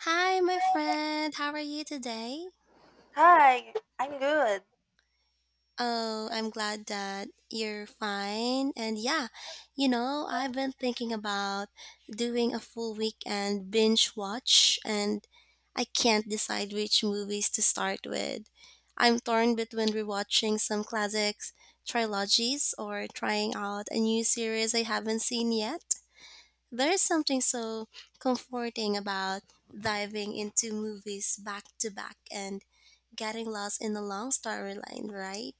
Hi, my friend. How are you today? Hi, I'm good. Oh, I'm glad that you're fine. And yeah, I've been thinking about doing a full weekend binge watch, and I can't decide which movies to start with. I'm torn between rewatching some classics, trilogies, or trying out a new series I haven't seen yet. There is something so comforting about diving into movies back to back and getting lost in a long storyline, right?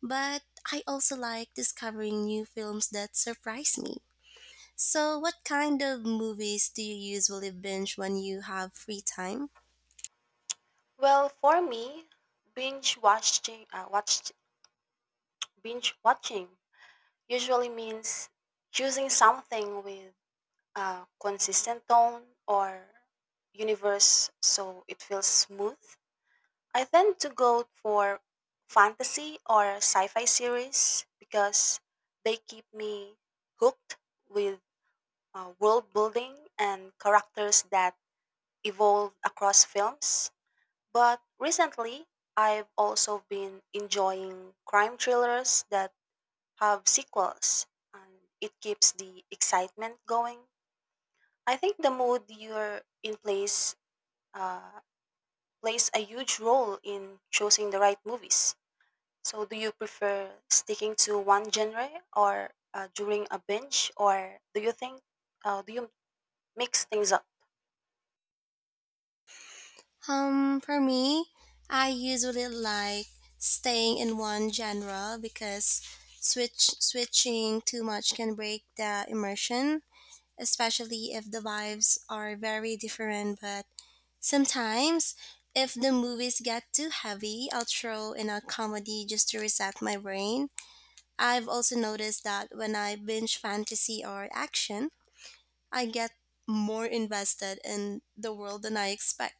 But I also like discovering new films that surprise me. So, what kind of movies do you usually binge when you have free time? Well, for me, binge watching, uh, watched binge watching usually means choosing something with a consistent tone or universe so it feels smooth. I tend to go for fantasy or sci-fi series because they keep me hooked with world building and characters that evolve across films. But recently, I've also been enjoying crime thrillers that have sequels, and it keeps the excitement going. I think the mood you're in uh, plays a huge role in choosing the right movies. So, do you prefer sticking to one genre or during a binge, or do you uh, do you mix things up? For me, I usually like staying in one genre because switching too much can break the immersion, especially if the vibes are very different. But sometimes, if the movies get too heavy, I'll throw in a comedy just to reset my brain. I've also noticed that when I binge fantasy or action, I get more invested in the world than I expect.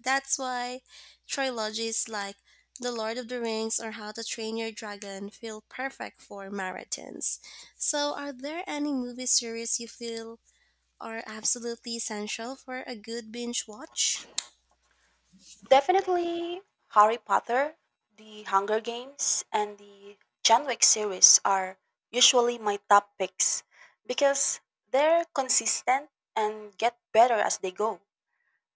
That's why trilogies like The Lord of the Rings or How to Train Your Dragon feel perfect for marathons. So, are there any movie series you feel are absolutely essential for a good binge watch? Definitely Harry Potter, The Hunger Games, and the John Wick series are usually my top picks because they're consistent and get better as they go.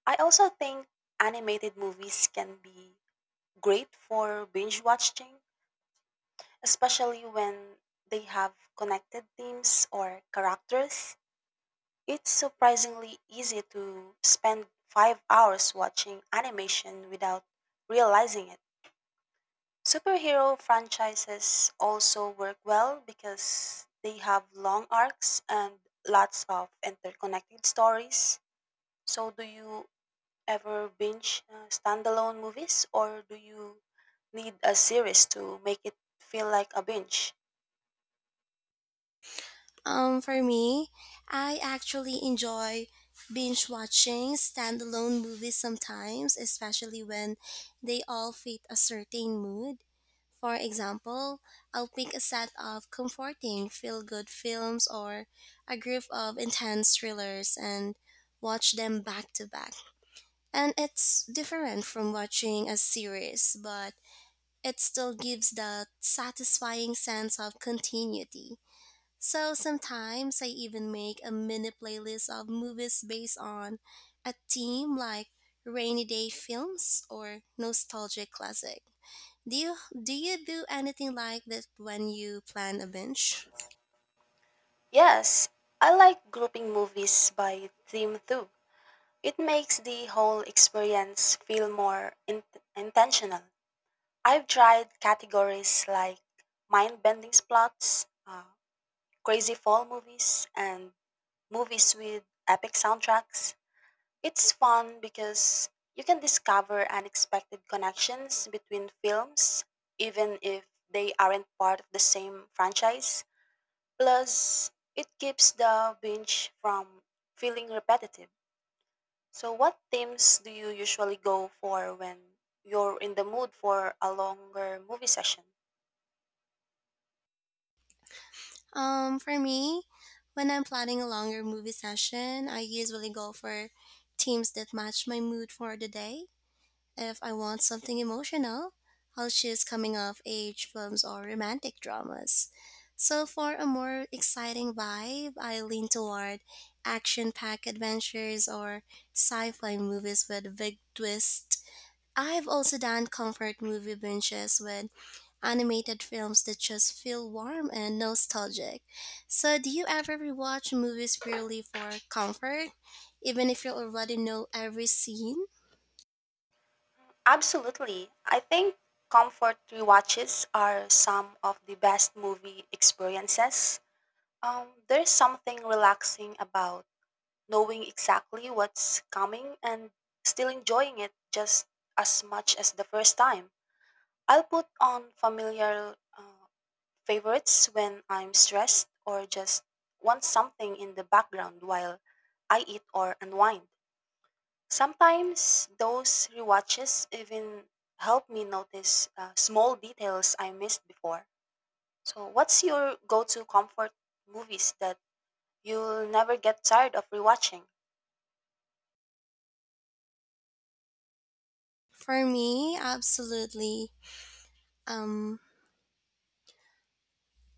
I also think animated movies can be great for binge watching, especially when they have connected themes or characters. It's surprisingly easy to spend 5 hours watching animation without realizing it. Superhero franchises also work well because they have long arcs and lots of interconnected stories. So, do you ever binge standalone movies or do you need a series to make it feel like a binge? For me, I actually enjoy binge watching standalone movies sometimes, especially when they all fit a certain mood. For example, I'll pick a set of comforting feel good films or a group of intense thrillers and watch them back to back. And it's different from watching a series, but it still gives that satisfying sense of continuity. So sometimes I even make a mini playlist of movies based on a theme like rainy day films or nostalgic classic. Do you do you do anything like that when you plan a binge? Yes, I like grouping movies by theme too. It makes the whole experience feel more intentional. I've tried categories like mind bending plots, crazy fall movies and movies with epic soundtracks. It's fun because you can discover unexpected connections between films, even if they aren't part of the same franchise. Plus, it keeps the binge from feeling repetitive. So, what themes do you usually go for when you're in the mood for a longer movie session? For me, when I'm planning a longer movie session, I usually go for themes that match my mood for the day. If I want something emotional, I'll choose coming of age films or romantic dramas. So, for a more exciting vibe, I lean toward action packed adventures or sci fi movies with big twists. I've also done comfort movie binges with animated films that just feel warm and nostalgic. So, do you ever rewatch movies purely for comfort, even if you already know every scene? Absolutely. I think comfort rewatches are some of the best movie experiences. There's something relaxing about knowing exactly what's coming and still enjoying it just as much as the first time. I'll put on familiar favorites when I'm stressed or just want something in the background while I eat or unwind. Sometimes those rewatches even help me notice small details I missed before. So, what's your go to comfort movies that you'll never get tired of rewatching? For me, absolutely. Um,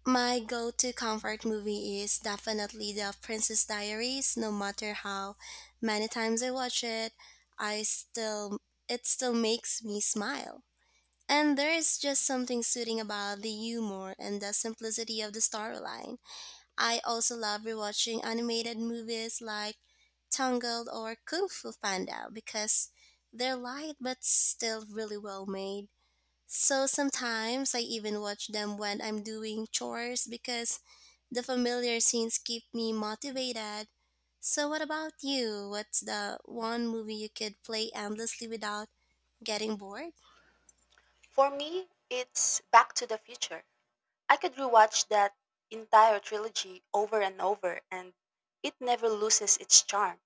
my go-to comfort movie is definitely The Princess Diaries. No matter how many times I watch it, I still it still makes me smile. And there is just something soothing about the humor and the simplicity of the storyline. I also love rewatching animated movies like Tangled or Kung Fu Panda because they're light but still really well made. So sometimes I even watch them when I'm doing chores because the familiar scenes keep me motivated. So what about you? What's the one movie you could play endlessly without getting bored? For me, it's Back to the Future. I could rewatch that entire trilogy over and over, and it never loses its charm.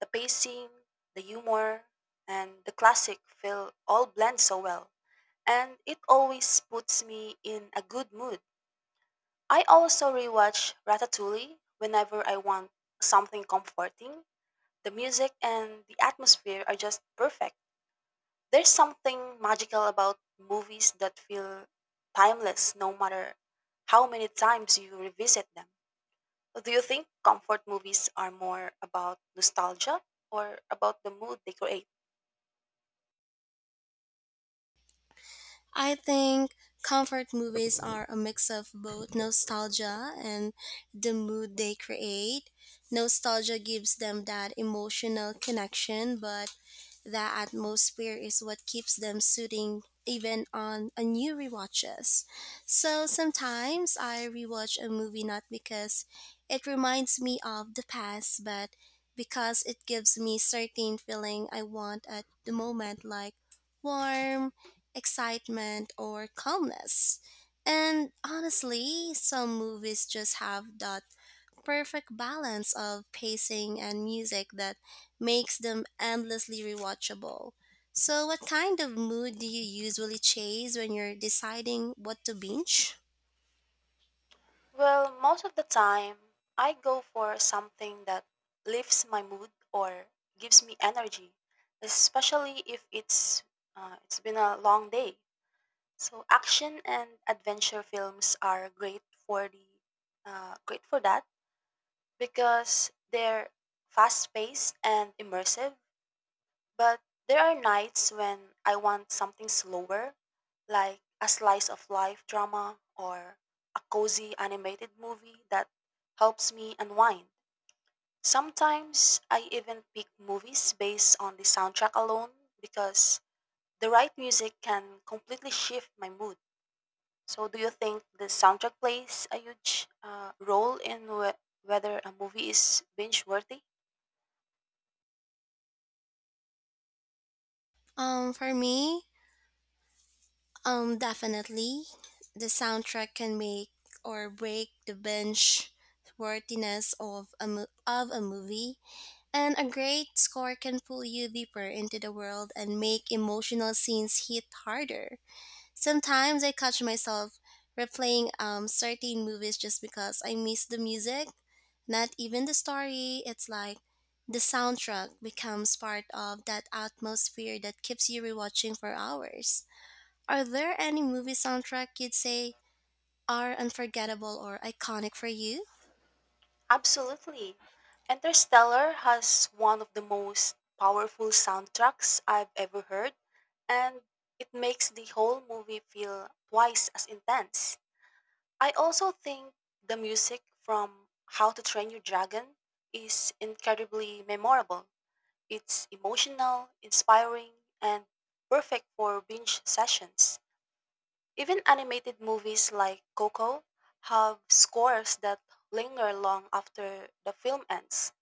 The pacing, the humor, and the classic feel all blend so well. And it always puts me in a good mood. I also rewatch Ratatouille whenever I want something comforting. The music and the atmosphere are just perfect. There's something magical about movies that feel timeless no matter how many times you revisit them. Do you think comfort movies are more about nostalgia or about the mood they create? I think comfort movies are a mix of both nostalgia and the mood they create. Nostalgia gives them that emotional connection, but the atmosphere is what keeps them soothing even on a new rewatches. So sometimes I rewatch a movie not because it reminds me of the past, but because it gives me certain feeling I want at the moment like warm, excitement or calmness. And honestly, some movies just have that perfect balance of pacing and music that makes them endlessly rewatchable. So, what kind of mood do you usually chase when you're deciding what to binge? Well, most of the time, I go for something that lifts my mood or gives me energy, especially if it's been a long day. So action and adventure films are great for that because they're fast-paced and immersive, but there are nights when I want something slower, like a slice of life drama or a cozy animated movie that helps me unwind. Sometimes I even pick movies based on the soundtrack alone because the right music can completely shift my mood. So, do you think the soundtrack plays a huge role in whether a movie is binge worthy? For me, definitely the soundtrack can make or break the binge worthiness of a of a movie, and a great score can pull you deeper into the world and make emotional scenes hit harder. Sometimes I catch myself replaying certain movies just because I miss the music, not even the story. It's like the soundtrack becomes part of that atmosphere that keeps you rewatching for hours. Are there any movie soundtrack you'd say are unforgettable or iconic for you? Absolutely. Interstellar has one of the most powerful soundtracks I've ever heard, and it makes the whole movie feel twice as intense. I also think the music from How to Train Your Dragon is incredibly memorable. It's emotional, inspiring, and perfect for binge sessions. Even animated movies like Coco have scores that linger long after the film ends.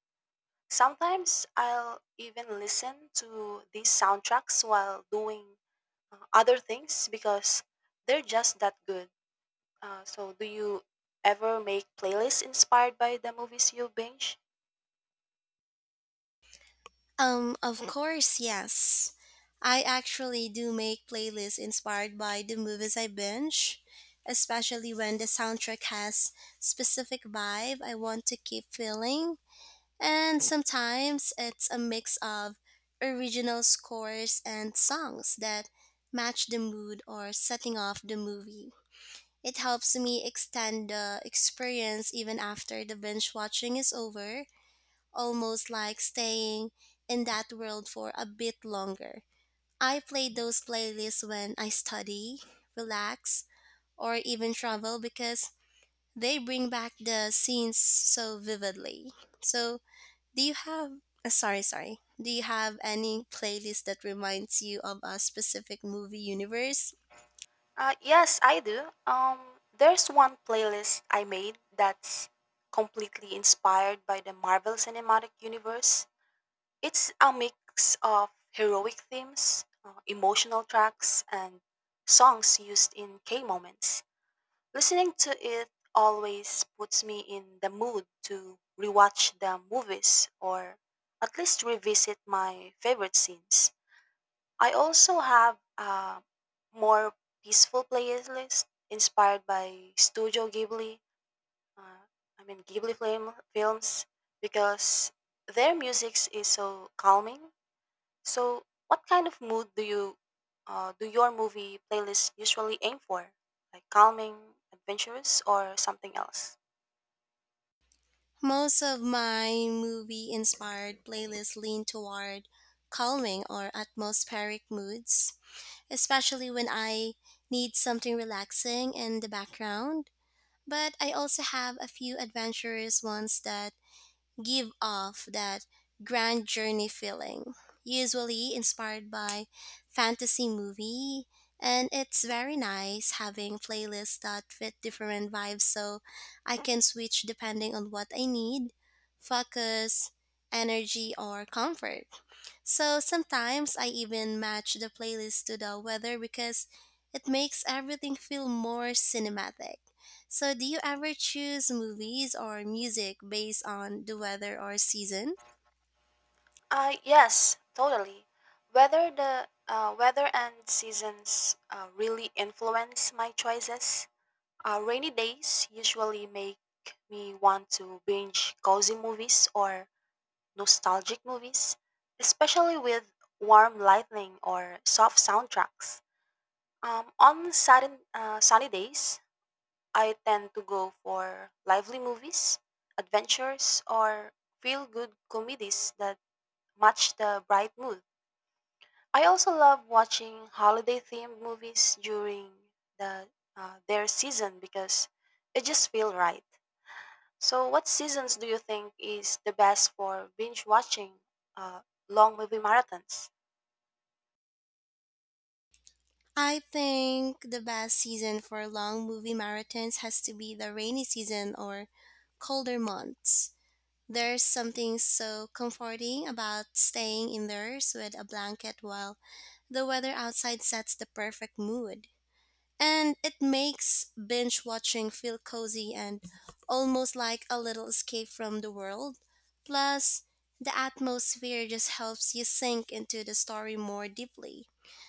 Sometimes I'll even listen to these soundtracks while doing other things because they're just that good. So, do you ever make playlists inspired by the movies you binge? Of course, yes. I actually do make playlists inspired by the movies I binge, especially when the soundtrack has specific vibe I want to keep feeling. And sometimes it's a mix of original scores and songs that match the mood or setting of the movie. It helps me extend the experience even after the binge watching is over, almost like staying in that world for a bit longer. I play those playlists when I study, relax, or even travel because they bring back the scenes so vividly. So, do you have sorry, sorry. Do you have any playlist that reminds you of a specific movie universe? Yes, I do. There's one playlist I made that's completely inspired by the Marvel Cinematic Universe. It's a mix of heroic themes, emotional tracks, and songs used in K moments. Listening to it always puts me in the mood to rewatch the movies or at least revisit my favorite scenes. I also have a more peaceful playlist inspired by Studio Ghibli, uh, I mean films because their music is so calming. So, what kind of mood do your movie playlists usually aim for? Like calming, adventurous, or something else? Most of my movie inspired playlists lean toward calming or atmospheric moods, especially when I need something relaxing in the background. But I also have a few adventurous ones that give off that grand journey feeling, usually inspired by fantasy movie. And it's very nice having playlists that fit different vibes so I can switch depending on what I need, focus, energy, or comfort. So sometimes I even match the playlist to the weather because it makes everything feel more cinematic. So, do you ever choose movies or music based on the weather or season? Yes, totally. Whether the weather and seasons really influence my choices. Rainy days usually make me want to binge cozy movies or nostalgic movies, especially with warm lighting or soft soundtracks. On sudden, sunny days, I tend to go for lively movies, adventures, or feel good comedies that match the bright mood. I also love watching holiday themed movies during the their season because it just feels right. So, what seasons do you think is the best for binge watching uh, long movie marathons? I think the best season for long movie marathons has to be the rainy season or colder months. There's something so comforting about staying indoors with a blanket while the weather outside sets the perfect mood. And it makes binge watching feel cozy and almost like a little escape from the world. Plus, the atmosphere just helps you sink into the story more deeply.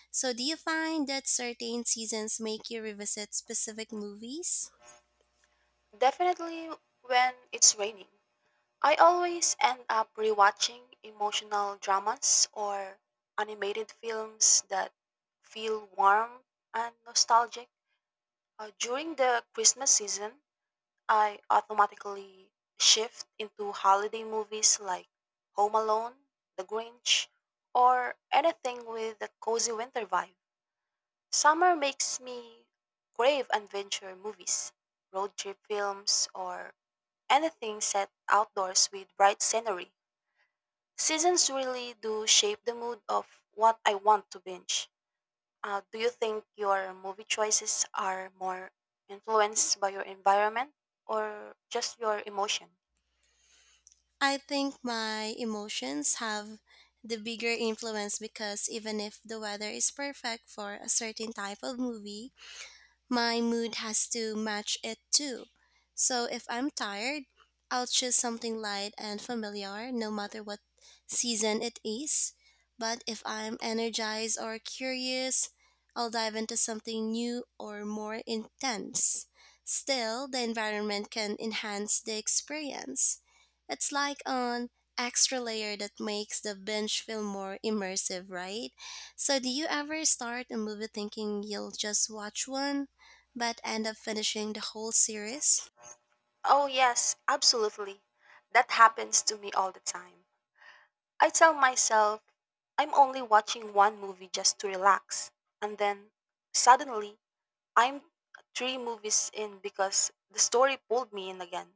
So, do you find that certain seasons make you revisit specific movies? Definitely when it's raining. I always end up rewatching emotional dramas or animated films that feel warm and nostalgic. During the Christmas season, I automatically shift into holiday movies like Home Alone, The Grinch, or anything with a cozy winter vibe. Summer makes me crave adventure movies, road trip films, or anything set outdoors with bright scenery. Seasons really do shape the mood of what I want to binge. Do you think your movie choices are more influenced by your environment or just your emotion? I think my emotions have the bigger influence because even if the weather is perfect for a certain type of movie, my mood has to match it too. So if I'm tired, I'll choose something light and familiar no matter what season it is. But if I'm energized or curious, I'll dive into something new or more intense. Still, the environment can enhance the experience. It's like an extra layer that makes the binge feel more immersive, right? So, do you ever start a movie thinking you'll just watch one, but end up finishing the whole series? Oh, yes, absolutely. That happens to me all the time. I tell myself I'm only watching one movie just to relax, and then suddenly I'm three movies in because the story pulled me in again.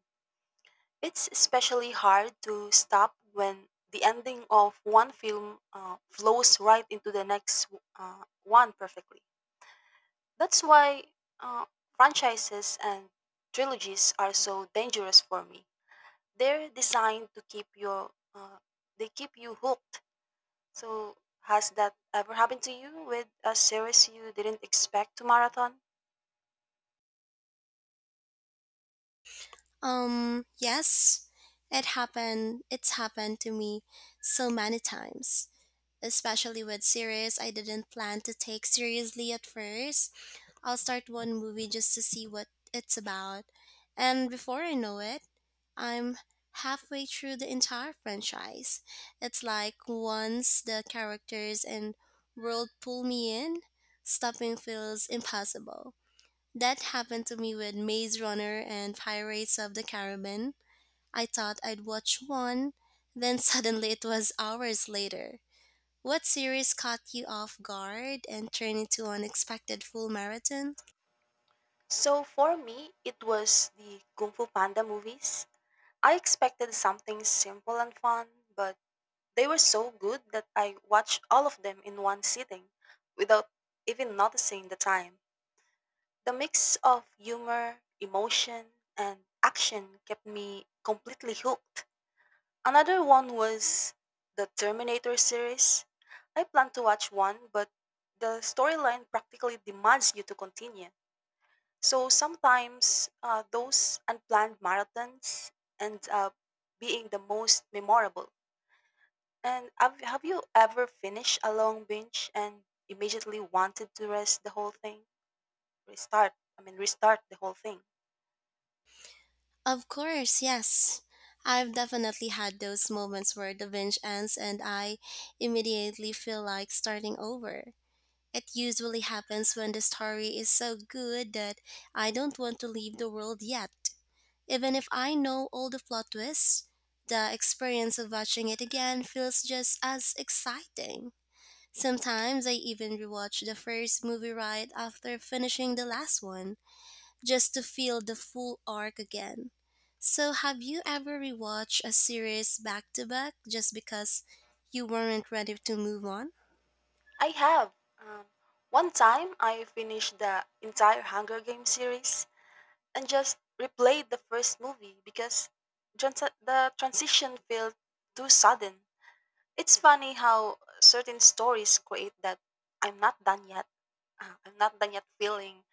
It's especially hard to stop when the ending of one film flows right into the next one perfectly. That's why uh, franchises and trilogies are so dangerous for me. They're designed to keep your they keep you hooked. So has that ever happened to you with a series you didn't expect to marathon? Yes, It's happened to me so many times, especially with series I didn't plan to take seriously at first. I'll start one movie just to see what it's about, and before I know it, I'm halfway through the entire franchise. It's like once the characters and world pull me in, stopping feels impossible. That happened to me with Maze Runner and Pirates of the Caribbean. I thought I'd watch one, then suddenly it was hours later. What series caught you off guard and turned into unexpected full marathon? So for me, it was the Kung Fu Panda movies. I expected something simple and fun, but they were so good that I watched all of them in one sitting without even noticing the time. The mix of humor, emotion, and action kept me completely hooked. Another one was the Terminator series. I planned to watch one, but the storyline practically demands you to continue. So sometimes those unplanned marathons end up being the most memorable. And have you ever finished a long binge and immediately wanted to rest the whole thing? Restart, I mean, restart the whole thing. Of course, yes. I've definitely had those moments where the binge ends and I immediately feel like starting over. It usually happens when the story is so good that I don't want to leave the world yet. Even if I know all the plot twists, the experience of watching it again feels just as exciting. Sometimes I even rewatch the first movie right after finishing the last one, just to feel the full arc again. So, have you ever rewatched a series back to back just because you weren't ready to move on? I have. Um, one time I finished the entire Hunger Games series and just replayed the first movie because the transition felt too sudden. It's funny how certain stories create that I'm not done yet. I'm not done yet feeling,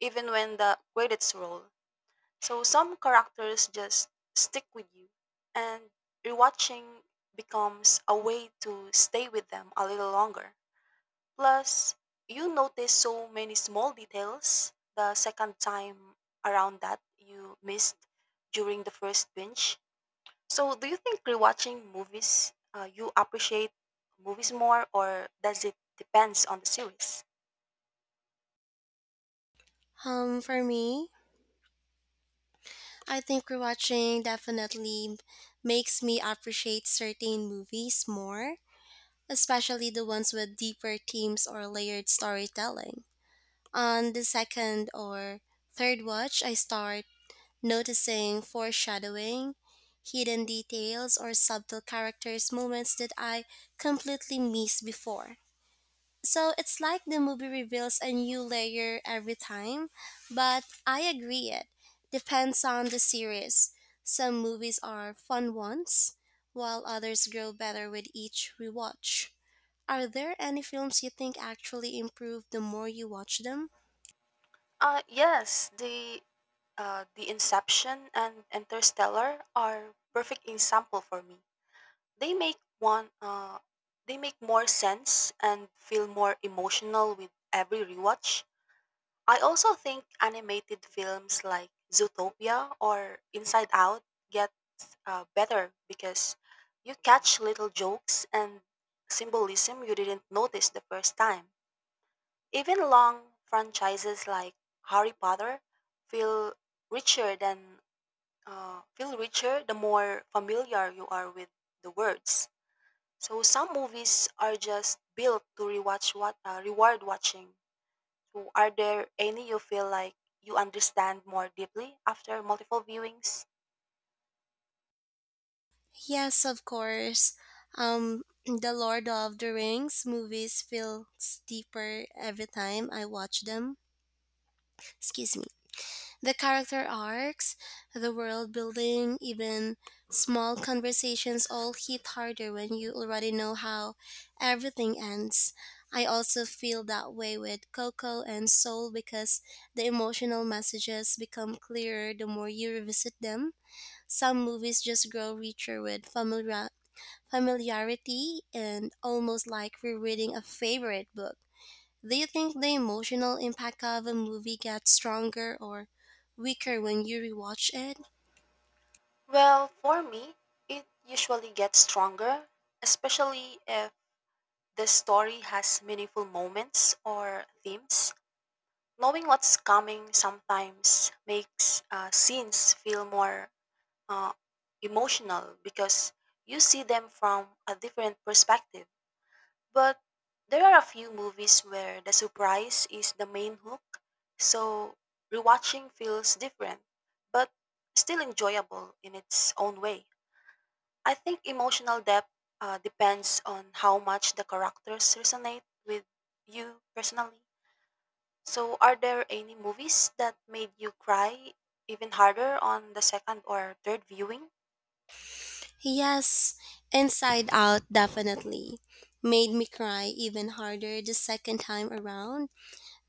even when the credits roll. So some characters just stick with you, and rewatching becomes a way to stay with them a little longer. Plus, you notice so many small details the second time around that you missed during the first binge. So, do you think rewatching you appreciate movies more, or does it depends on the series? For me, I think rewatching definitely makes me appreciate certain movies more, especially the ones with deeper themes or layered storytelling. On the second or third watch, I start noticing foreshadowing, hidden details, or subtle characters' moments that I completely missed before. So it's like the movie reveals a new layer every time, but I agree it depends on the series. Some movies are fun ones, while others grow better with each rewatch. Are there any films you think actually improve the more you watch them? Yes, the Inception and Interstellar are perfect example for me. They make one they make more sense and feel more emotional with every rewatch. I also think animated films like Zootopia or Inside Out get better because you catch little jokes and symbolism you didn't notice the first time. Even long franchises like Harry Potter feel richer than feel richer the more familiar you are with the words. So some movies are just built to rewatch what reward watching. So are there any you feel like you understand more deeply after multiple viewings? Yes, of course. The Lord of the Rings movies feels deeper every time I watch them. Excuse me. The character arcs, the world building, even small conversations all hit harder when you already know how everything ends. I also feel that way with Coco and Soul because the emotional messages become clearer the more you revisit them. Some movies just grow richer with familiarity and almost like rereading a favorite book. Do you think the emotional impact of a movie gets stronger or weaker when you rewatch it? Well, for me, it usually gets stronger, especially if the story has meaningful moments or themes. Knowing what's coming sometimes makes scenes feel more uh, emotional because you see them from a different perspective. But there are a few movies where the surprise is the main hook, so rewatching feels different, but still enjoyable in its own way. I think emotional depth depends on how much the characters resonate with you personally. So, are there any movies that made you cry even harder on the second or third viewing? Yes, Inside Out definitely made me cry even harder the second time around.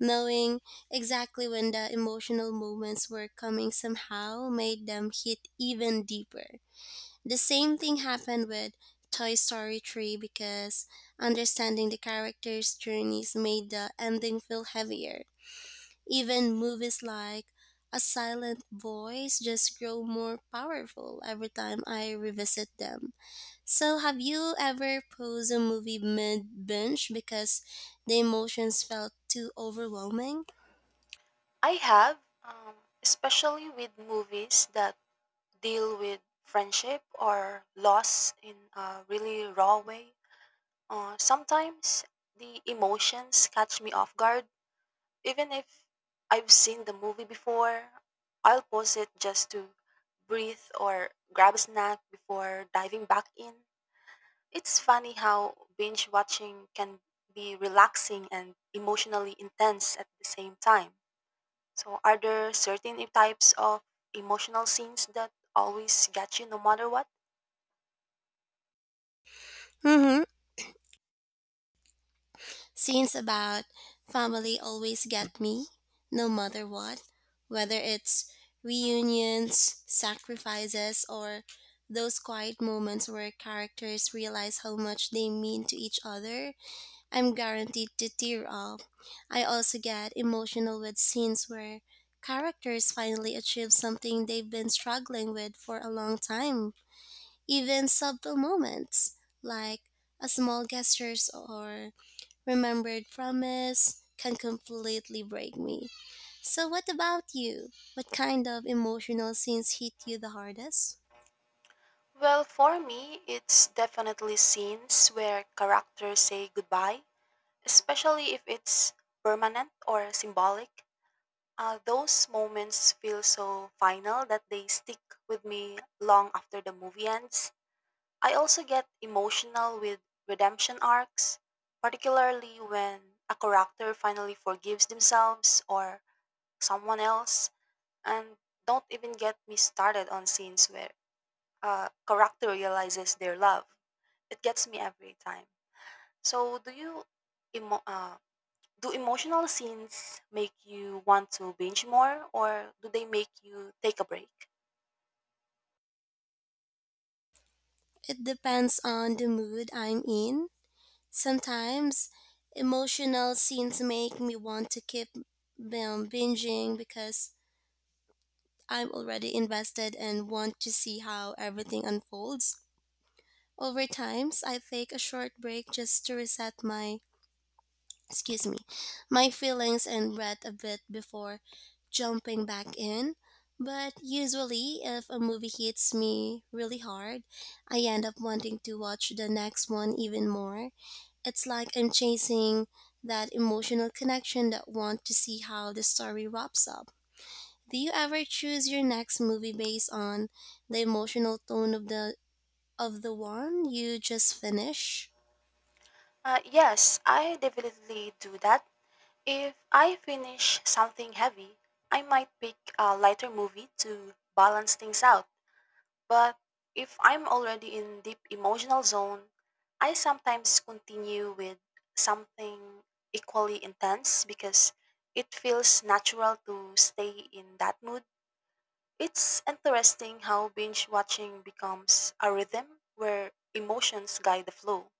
Knowing exactly when the emotional moments were coming somehow made them hit even deeper. The same thing happened with Toy Story 3 because understanding the characters' journeys made the ending feel heavier. Even movies like A Silent Voice just grow more powerful every time I revisit them. So, have you ever paused a movie mid binge because the emotions felt too overwhelming? I have, especially with movies that deal with friendship or loss in a really raw way. Sometimes the emotions catch me off guard. Even if I've seen the movie before, I'll pause it just to breathe or grab a snack before diving back in. It's funny how binge watching can be relaxing and emotionally intense at the same time. So, are there certain types of emotional scenes that always get you no matter what? Mm-hmm. Scenes about family always get me, no matter what, whether it's reunions, sacrifices, or those quiet moments where characters realize how much they mean to each other. I'm guaranteed to tear up. I also get emotional with scenes where characters finally achieve something they've been struggling with for a long time. Even subtle moments like a small gestures or remembered promise can completely break me. So what about you? What kind of emotional scenes hit you the hardest? Well, for me, it's definitely scenes where characters say goodbye, especially if it's permanent or symbolic. Those moments feel so final that they stick with me long after the movie ends. I also get emotional with redemption arcs, particularly when a character finally forgives themselves or someone else. And don't even get me started on scenes where a character realizes their love. It gets me every time. So, do emo- uh, do emotional scenes make you want to binge more or do they make you take a break? It depends on the mood I'm in. Sometimes emotional scenes make me want to keep binging because I'm already invested and want to see how everything unfolds. Over times, I take a short break just to reset my, excuse me, my feelings and breath a bit before jumping back in. But usually, if a movie hits me really hard, I end up wanting to watch the next one even more. It's like I'm chasing that emotional connection that want to see how the story wraps up. Do you ever choose your next movie based on the emotional tone of the one you just finished? Yes, I definitely do that. If I finish something heavy, I might pick a lighter movie to balance things out. But if I'm already in deep emotional zone, I sometimes continue with something equally intense because it feels natural to stay in that mood. It's interesting how binge watching becomes a rhythm where emotions guide the flow.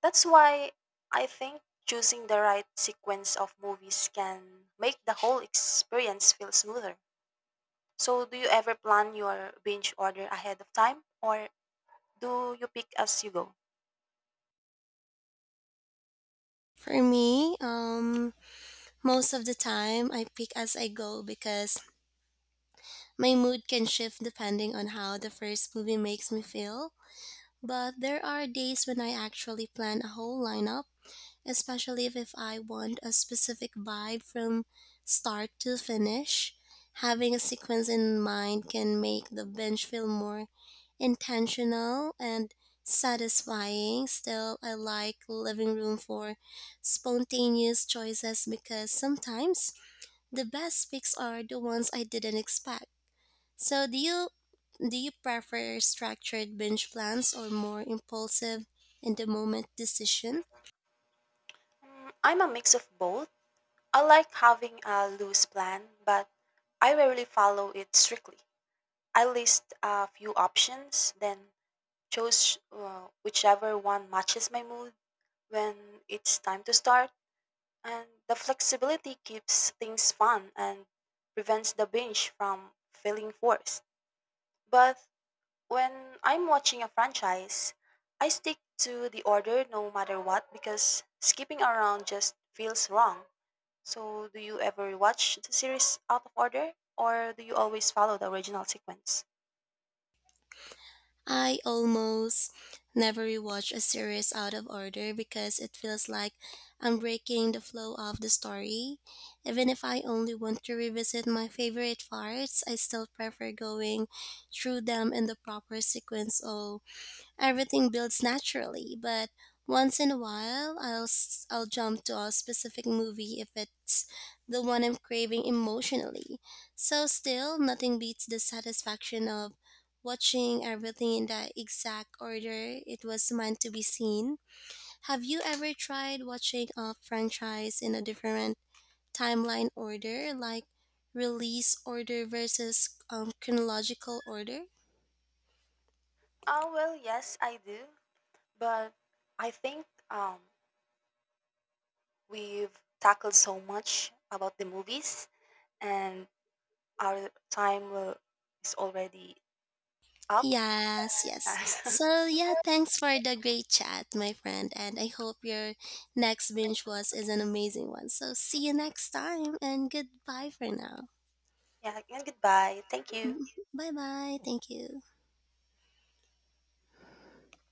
That's why I think choosing the right sequence of movies can make the whole experience feel smoother. So, do you ever plan your binge order ahead of time or do you pick as you go? For me, most of the time I pick as I go because my mood can shift depending on how the first movie makes me feel. But there are days when I actually plan a whole lineup, especially if I want a specific vibe from start to finish. Having a sequence in mind can make the binge feel more intentional and satisfying. Still, I like living room for spontaneous choices because sometimes the best picks are the ones I didn't expect. So, do you prefer structured binge plans or more impulsive in the moment decision? I'm a mix of both. I like having a loose plan, but I rarely follow it strictly. I list a few options, then Chose whichever one matches my mood when it's time to start, and the flexibility keeps things fun and prevents the binge from feeling forced. But when I'm watching a franchise, I stick to the order no matter what because skipping around just feels wrong. So, do you ever watch the series out of order, or do you always follow the original sequence? I almost never rewatch a series out of order because it feels like I'm breaking the flow of the story. Even if I only want to revisit my favorite parts, I still prefer going through them in the proper sequence or everything builds naturally, but once in a while, I'll jump to a specific movie if it's the one I'm craving emotionally. So still, nothing beats the satisfaction of watching everything in the exact order it was meant to be seen. Have you ever tried watching a franchise in a different timeline order, like release order versus chronological order? Ah, well, yes, I do, but I think we've tackled so much about the movies, and our is already up. Yes, yes. So yeah, thanks for the great chat, my friend, and I hope your next binge was is an amazing one. So see you next time and goodbye for now. Yeah, and goodbye. Thank you. Bye bye. Thank you.